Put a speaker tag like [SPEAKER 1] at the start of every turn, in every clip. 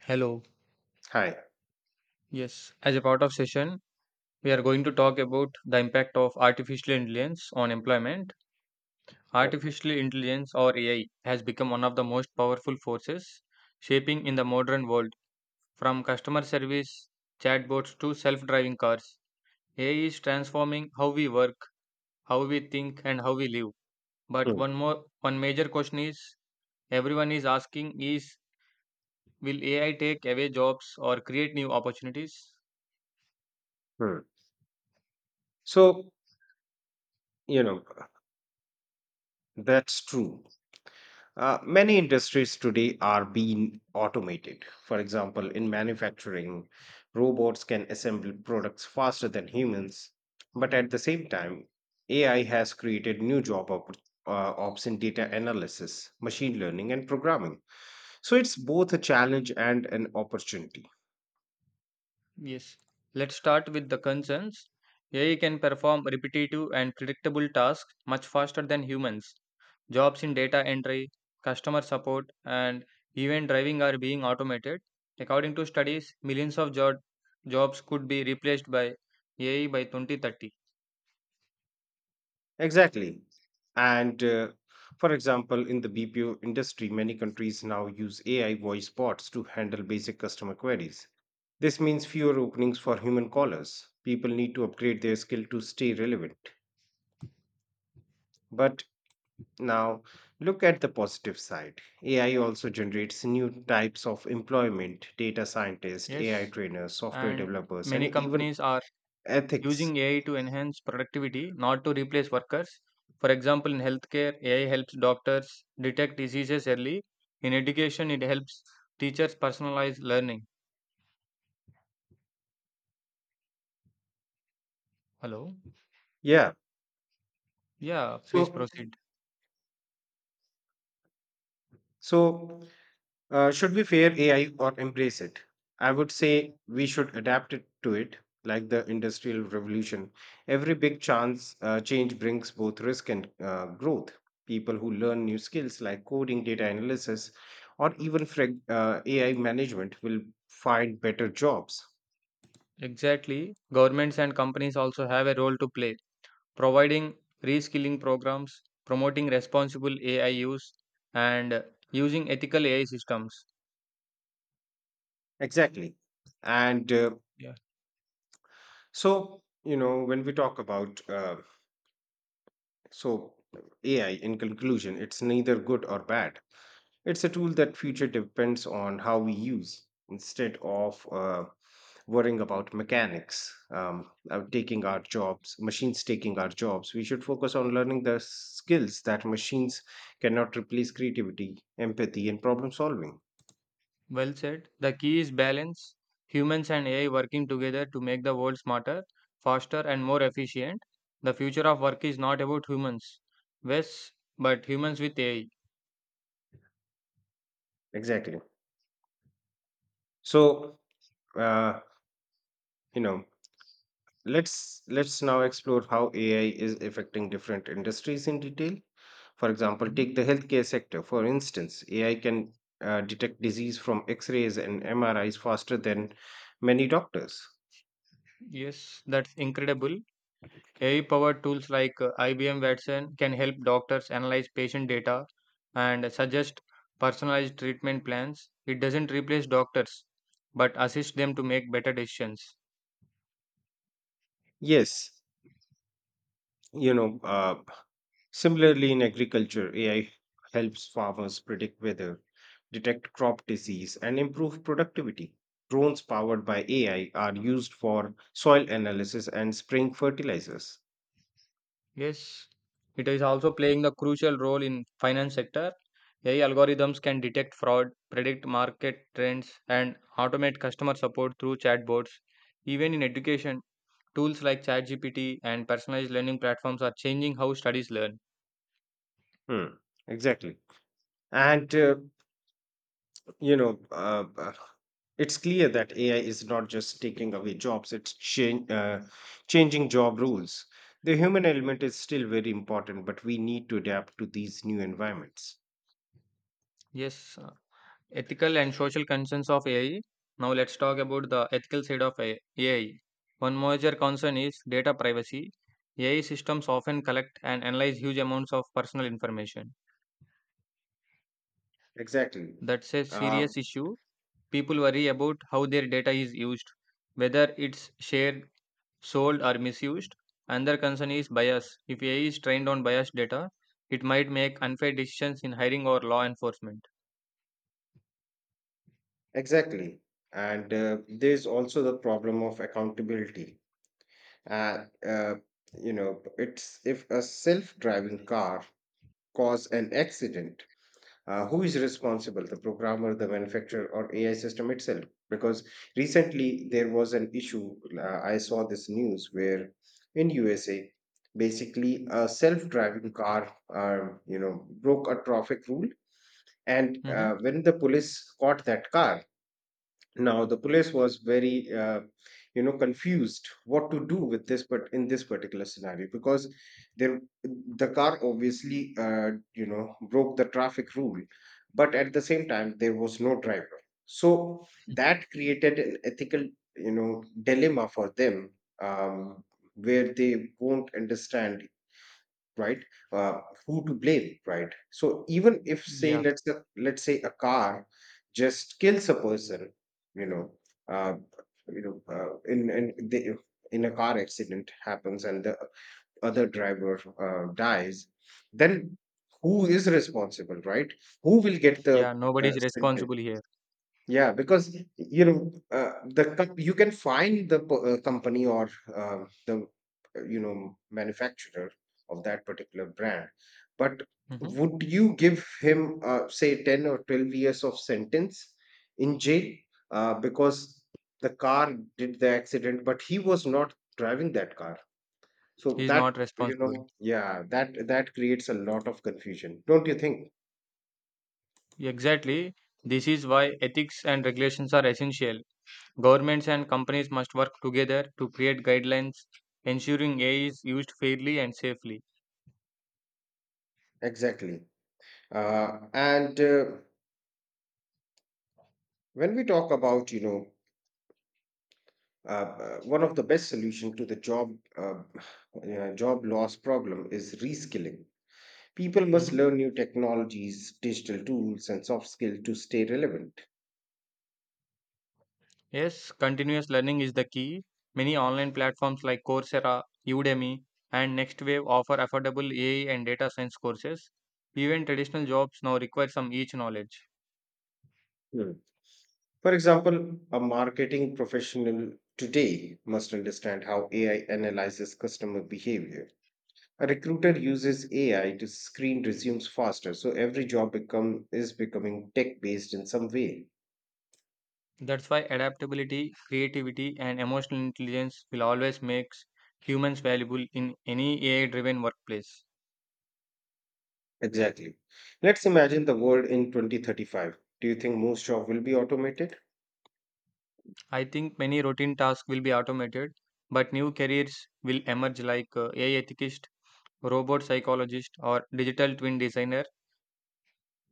[SPEAKER 1] Hello.
[SPEAKER 2] Hi.
[SPEAKER 1] Yes, as a part of session, we are going to talk about the impact of artificial intelligence on employment.
[SPEAKER 2] Yeah.
[SPEAKER 1] Artificial intelligence or AI has become one of the most powerful forces shaping in the modern world. From customer service, chatbots to self-driving cars, AI is transforming how we work, how we think and how we live. But
[SPEAKER 2] Mm,
[SPEAKER 1] one major question is everyone is asking is will AI take away jobs or create new opportunities?
[SPEAKER 2] mm. So, you know, that's true. Many industries today are being automated. For example, in manufacturing, robots can assemble products faster than humans. But at the same time, AI has created new job ops in data analysis, machine learning, and programming. So it's both a challenge and an opportunity.
[SPEAKER 1] Yes, let's start with the concerns. AI can perform repetitive and predictable tasks much faster than humans. Jobs in data entry, customer support, and even driving are being automated. According to studies, millions of jobs could be replaced by AI by 2030.
[SPEAKER 2] Exactly. And for example, in the BPO industry, many countries now use AI voice bots to handle basic customer queries. This means fewer openings for human callers. People need to upgrade their skill to stay relevant. But Now, look at the positive side. AI also generates new types of employment, data scientists, AI
[SPEAKER 1] Yes,
[SPEAKER 2] trainers, software
[SPEAKER 1] and
[SPEAKER 2] developers, and
[SPEAKER 1] many
[SPEAKER 2] even
[SPEAKER 1] companies are
[SPEAKER 2] ethics.
[SPEAKER 1] using AI to enhance productivity, not to replace workers. For example, in healthcare, AI helps doctors detect diseases early. In education, it helps teachers personalize learning. Hello?
[SPEAKER 2] Yeah.
[SPEAKER 1] Yeah, please
[SPEAKER 2] So,
[SPEAKER 1] proceed.
[SPEAKER 2] so, should we fear AI or embrace it? I would say we should adapt it to it, like the industrial revolution. Every big chance change brings both risk and growth. People who learn new skills like coding, data analysis, or even AI management will find better jobs.
[SPEAKER 1] Exactly. Governments and companies also have a role to play, providing reskilling programs, promoting responsible AI use, and using ethical AI systems.
[SPEAKER 2] Exactly. And So, you know, when we talk about, so AI in conclusion, it's neither good or bad. It's a tool that future depends on how we use instead of worrying about mechanics, taking our jobs, machines taking our jobs. We should focus on learning the skills that machines cannot replace creativity, empathy, and problem solving.
[SPEAKER 1] Well said. The key is balance. Humans and AI working together to make the world smarter, faster, and more efficient. The future of work is not about humans, yes, but humans with AI.
[SPEAKER 2] Exactly. So, uh, you know, let's now explore how AI is affecting different industries in detail. For example,
[SPEAKER 1] Mhm.
[SPEAKER 2] take the healthcare sector. For instance, AI can detect disease from X-rays and MRIs faster than many doctors.
[SPEAKER 1] Yes, that's incredible. AI powered tools like IBM Watson can help doctors analyze patient data and suggest personalized treatment plans. It doesn't replace doctors, but assist them to make better decisions.
[SPEAKER 2] Yes, you know. Uh, Similarly, in agriculture, AI helps farmers predict weather, detect crop disease, and improve productivity. Drones powered by AI are used for soil analysis and spraying fertilizers.
[SPEAKER 1] Yes, it is also playing the crucial role in finance sector. AI algorithms can detect fraud, predict market trends, and automate customer support through chatbots. Even in education, tools like ChatGPT and personalized learning platforms are changing how studies learn.
[SPEAKER 2] Hmm, exactly. And, you know, uh, uh, it's clear that AI is not just taking away jobs, it's changing job rules. The human element is still very important, but we need to adapt to these new environments.
[SPEAKER 1] Yes, ethical and social concerns of AI. Now let's talk about the ethical side of AI. AI. One major concern is data privacy. AI systems often collect and analyze huge amounts of personal information.
[SPEAKER 2] Exactly.
[SPEAKER 1] That's a
[SPEAKER 2] Uh,
[SPEAKER 1] serious issue. People worry about how their data is used, whether it's shared, sold, or misused. Another concern is bias. If AI is trained on biased data, it might make unfair decisions in hiring or law enforcement.
[SPEAKER 2] exactly. And there's also the problem of accountability. Uh, uh, you know, it's if a self driving car cause an accident, who is responsible, the programmer, the manufacturer, or AI system itself? Because recently there was an issue. I saw this news where in USA, basically a self-driving car, broke a traffic rule, and
[SPEAKER 1] Mm-hmm.
[SPEAKER 2] when the police caught that car, now the police was very, confused what to do with this, but in this particular scenario, because there the car obviously, broke the traffic rule, but at the same time there was no driver, so that created an ethical, dilemma for them, um, where they won't understand, right? Uh, who to blame, right? So even if say
[SPEAKER 1] Yeah,
[SPEAKER 2] let's say, a car just kills a person, you know, uh, you know, uh, in in the, in a car accident happens and the other driver dies, then who is responsible, right? Who will get
[SPEAKER 1] yeah,
[SPEAKER 2] the
[SPEAKER 1] nobody's
[SPEAKER 2] sentence?
[SPEAKER 1] responsible here.
[SPEAKER 2] Yeah, because you can find the company or the manufacturer of that particular brand, but
[SPEAKER 1] Mm-hmm.
[SPEAKER 2] would you give him say 10 or 12 years of sentence in jail because the car did the accident, but he was not driving that car? So
[SPEAKER 1] He's
[SPEAKER 2] that
[SPEAKER 1] not responsible.
[SPEAKER 2] yeah, that creates a lot of confusion, don't you think?
[SPEAKER 1] Exactly. This is why ethics and regulations are essential. Governments and companies must work together to create guidelines ensuring AI is used fairly and safely.
[SPEAKER 2] Exactly. And when we talk about one of the best solution to the uh, job loss problem is reskilling. People must
[SPEAKER 1] Mhm.
[SPEAKER 2] learn new technologies, digital tools, and soft skills to stay relevant.
[SPEAKER 1] Yes, continuous learning is the key. Many online platforms like Coursera, Udemy, and NextWave offer affordable AI and data science courses. Even traditional jobs now require some niche knowledge.
[SPEAKER 2] Hmm. For example, a marketing professional today must understand how AI analyzes customer behavior. A recruiter uses AI to screen resumes faster, so every job become is becoming tech based in some way.
[SPEAKER 1] That's why adaptability, creativity, and emotional intelligence will always make humans valuable in any AI driven workplace.
[SPEAKER 2] Exactly. Let's imagine the world in 2035. Do you think most jobs will be automated?
[SPEAKER 1] I think many routine tasks will be automated, but new careers will emerge like AI ethicist, robot psychologist, or digital twin designer.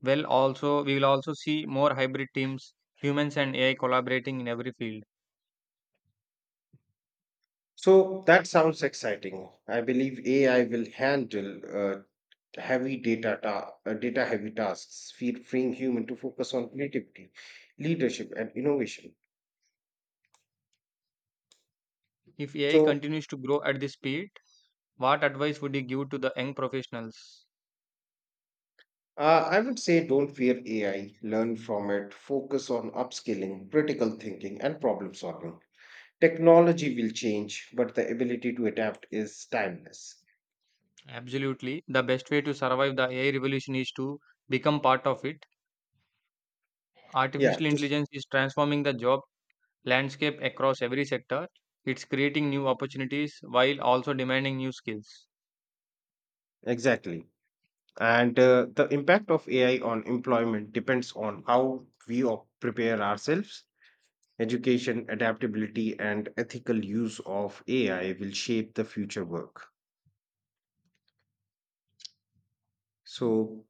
[SPEAKER 1] Well, also we will also see more hybrid teams, humans and AI collaborating in every field.
[SPEAKER 2] So that sounds exciting. I believe AI will handle data heavy tasks, freeing human to focus on creativity, leadership, and innovation.
[SPEAKER 1] If AI
[SPEAKER 2] So
[SPEAKER 1] continues to grow at this speed, what advice would you give to the young professionals?
[SPEAKER 2] I would say don't fear AI, learn from it, focus on upskilling, critical thinking, and problem solving. Technology will change, but the ability to adapt is timeless.
[SPEAKER 1] Absolutely. The best way to survive the AI revolution is to become part of it.
[SPEAKER 2] Yeah,
[SPEAKER 1] Artificial
[SPEAKER 2] to
[SPEAKER 1] intelligence is transforming the job landscape across every sector. It's creating new opportunities while also demanding new skills.
[SPEAKER 2] Exactly. And the impact of AI on employment depends on how we prepare ourselves. Education, adaptability, and ethical use of AI will shape the future work. So,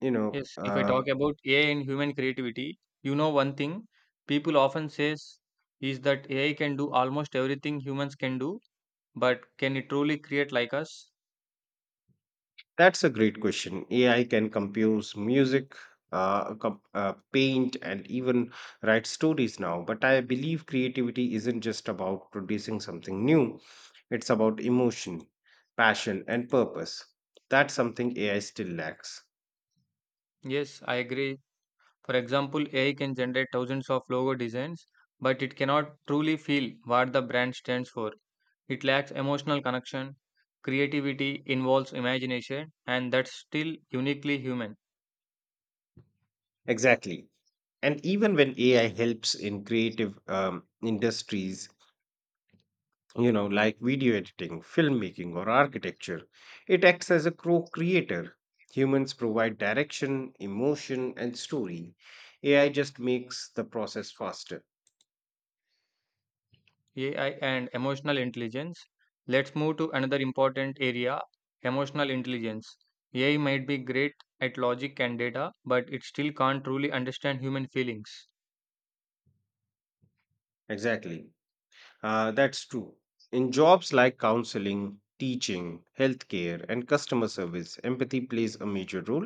[SPEAKER 2] you know,
[SPEAKER 1] Yes, if I
[SPEAKER 2] uh,
[SPEAKER 1] talk about AI and human creativity, you know one thing people often says is that AI can do almost everything humans can do, but can it truly create like us?
[SPEAKER 2] that's a great question. AI can compose music, paint, and even write stories now. But I believe creativity isn't just about producing something new, it's about emotion, passion, and purpose. That's something AI still lacks.
[SPEAKER 1] Yes, I agree. For example, AI can generate thousands of logo designs, but it cannot truly feel what the brand stands for. It lacks emotional connection. Creativity involves imagination, and that's still uniquely human.
[SPEAKER 2] Exactly. And even when AI helps in creative industries, like video editing, filmmaking, or architecture. It acts as a co creator. Humans provide direction, emotion, and story. AI just makes the process faster.
[SPEAKER 1] AI and emotional intelligence. Let's move to another important area, emotional intelligence. AI might be great at logic and data, but it still can't truly understand human feelings.
[SPEAKER 2] Exactly. That's true. In jobs like counseling, teaching, healthcare, and customer service, empathy plays a major role.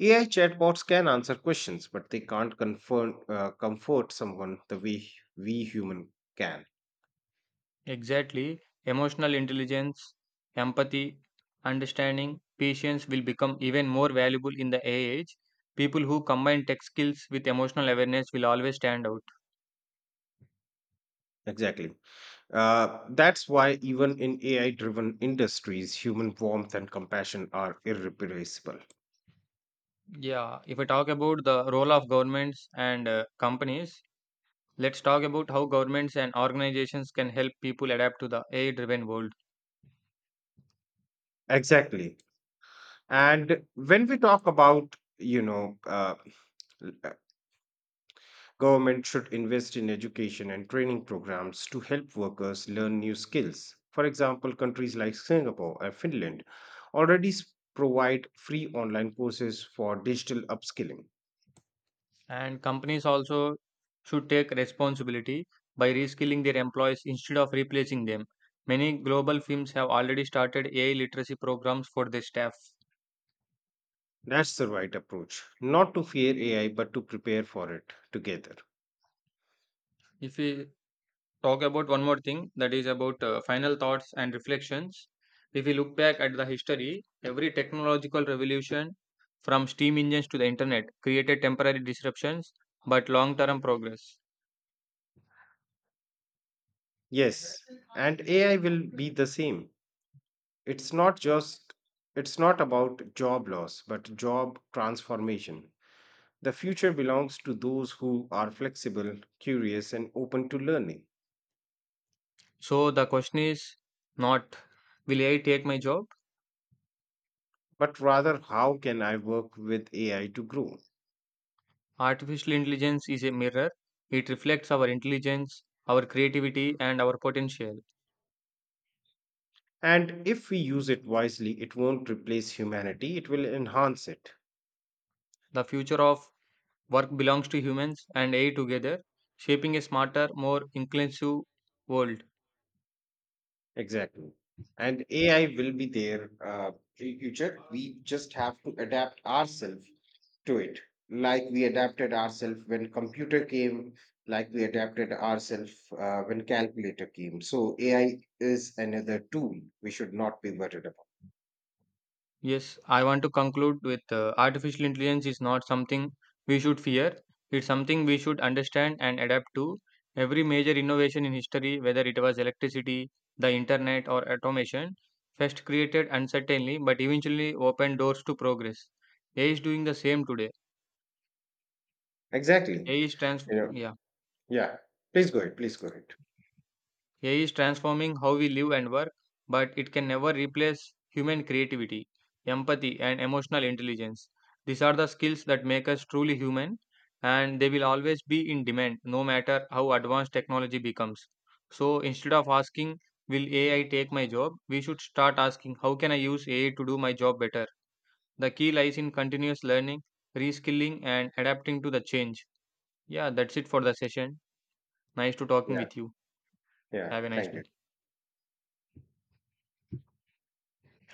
[SPEAKER 2] AI chatbots can answer questions, but they can't comfort someone the way we human can.
[SPEAKER 1] Exactly, emotional intelligence, empathy, understanding, patience will become even more valuable in the AI age. People who combine tech skills with emotional awareness will always stand out.
[SPEAKER 2] Exactly. That's why, even in AI driven industries, human warmth and compassion are irreplaceable.
[SPEAKER 1] Yeah, if I talk about the role of governments and companies, let's talk about how governments and organizations can help people adapt to the AI driven world.
[SPEAKER 2] Exactly. And when we talk about, l- uh, government should invest in education and training programs to help workers learn new skills. For example, countries like Singapore and Finland already provide free online courses for digital upskilling.
[SPEAKER 1] And companies also should take responsibility by reskilling their employees instead of replacing them. Many global firms have already started AI literacy programs for their staff.
[SPEAKER 2] That's the right approach, not to fear AI, but to prepare for it together.
[SPEAKER 1] If we talk about one more thing, that is about final thoughts and reflections. If we look back at the history, every technological revolution from steam engines to the internet created temporary disruptions but long term progress.
[SPEAKER 2] Yes, and AI will be the same. It's not just, it's not about job loss, but job transformation. The future belongs to those who are flexible, curious, and open to learning.
[SPEAKER 1] So the question is not, will AI take my job?
[SPEAKER 2] But rather, how can I work with AI to grow?
[SPEAKER 1] Artificial intelligence is a mirror. It reflects our intelligence, our creativity, and our potential.
[SPEAKER 2] And if we use it wisely, it won't replace humanity, it will enhance it.
[SPEAKER 1] The future of work belongs to humans and AI together, shaping a smarter, more inclusive world.
[SPEAKER 2] Exactly. And AI will be there in future. We just have to adapt ourselves to it, like we adapted ourselves when computer came, like we adapted ourselves when calculator came. So AI is another tool we should not be worried about.
[SPEAKER 1] Yes, I want to conclude with artificial intelligence is not something we should fear. It's something we should understand and adapt to. Every major innovation in history, whether it was electricity, the internet, or automation, first created uncertainly but eventually opened doors to progress. AI is doing the same today.
[SPEAKER 2] Exactly. You know,
[SPEAKER 1] Yeah.
[SPEAKER 2] yeah. Please go ahead. Please go ahead.
[SPEAKER 1] AI is transforming how we live and work, but it can never replace human creativity, empathy, and emotional intelligence. These are the skills that make us truly human, and they will always be in demand no matter how advanced technology becomes. So instead of asking, will AI take my job? We should start asking, how can I use AI to do my job better? The key lies in continuous learning, reskilling, and adapting to the change. Yeah, that's it for the session. Nice to talking
[SPEAKER 2] Yeah.
[SPEAKER 1] with you.
[SPEAKER 2] Yeah.
[SPEAKER 1] Have a nice
[SPEAKER 2] Thank you.
[SPEAKER 1] day.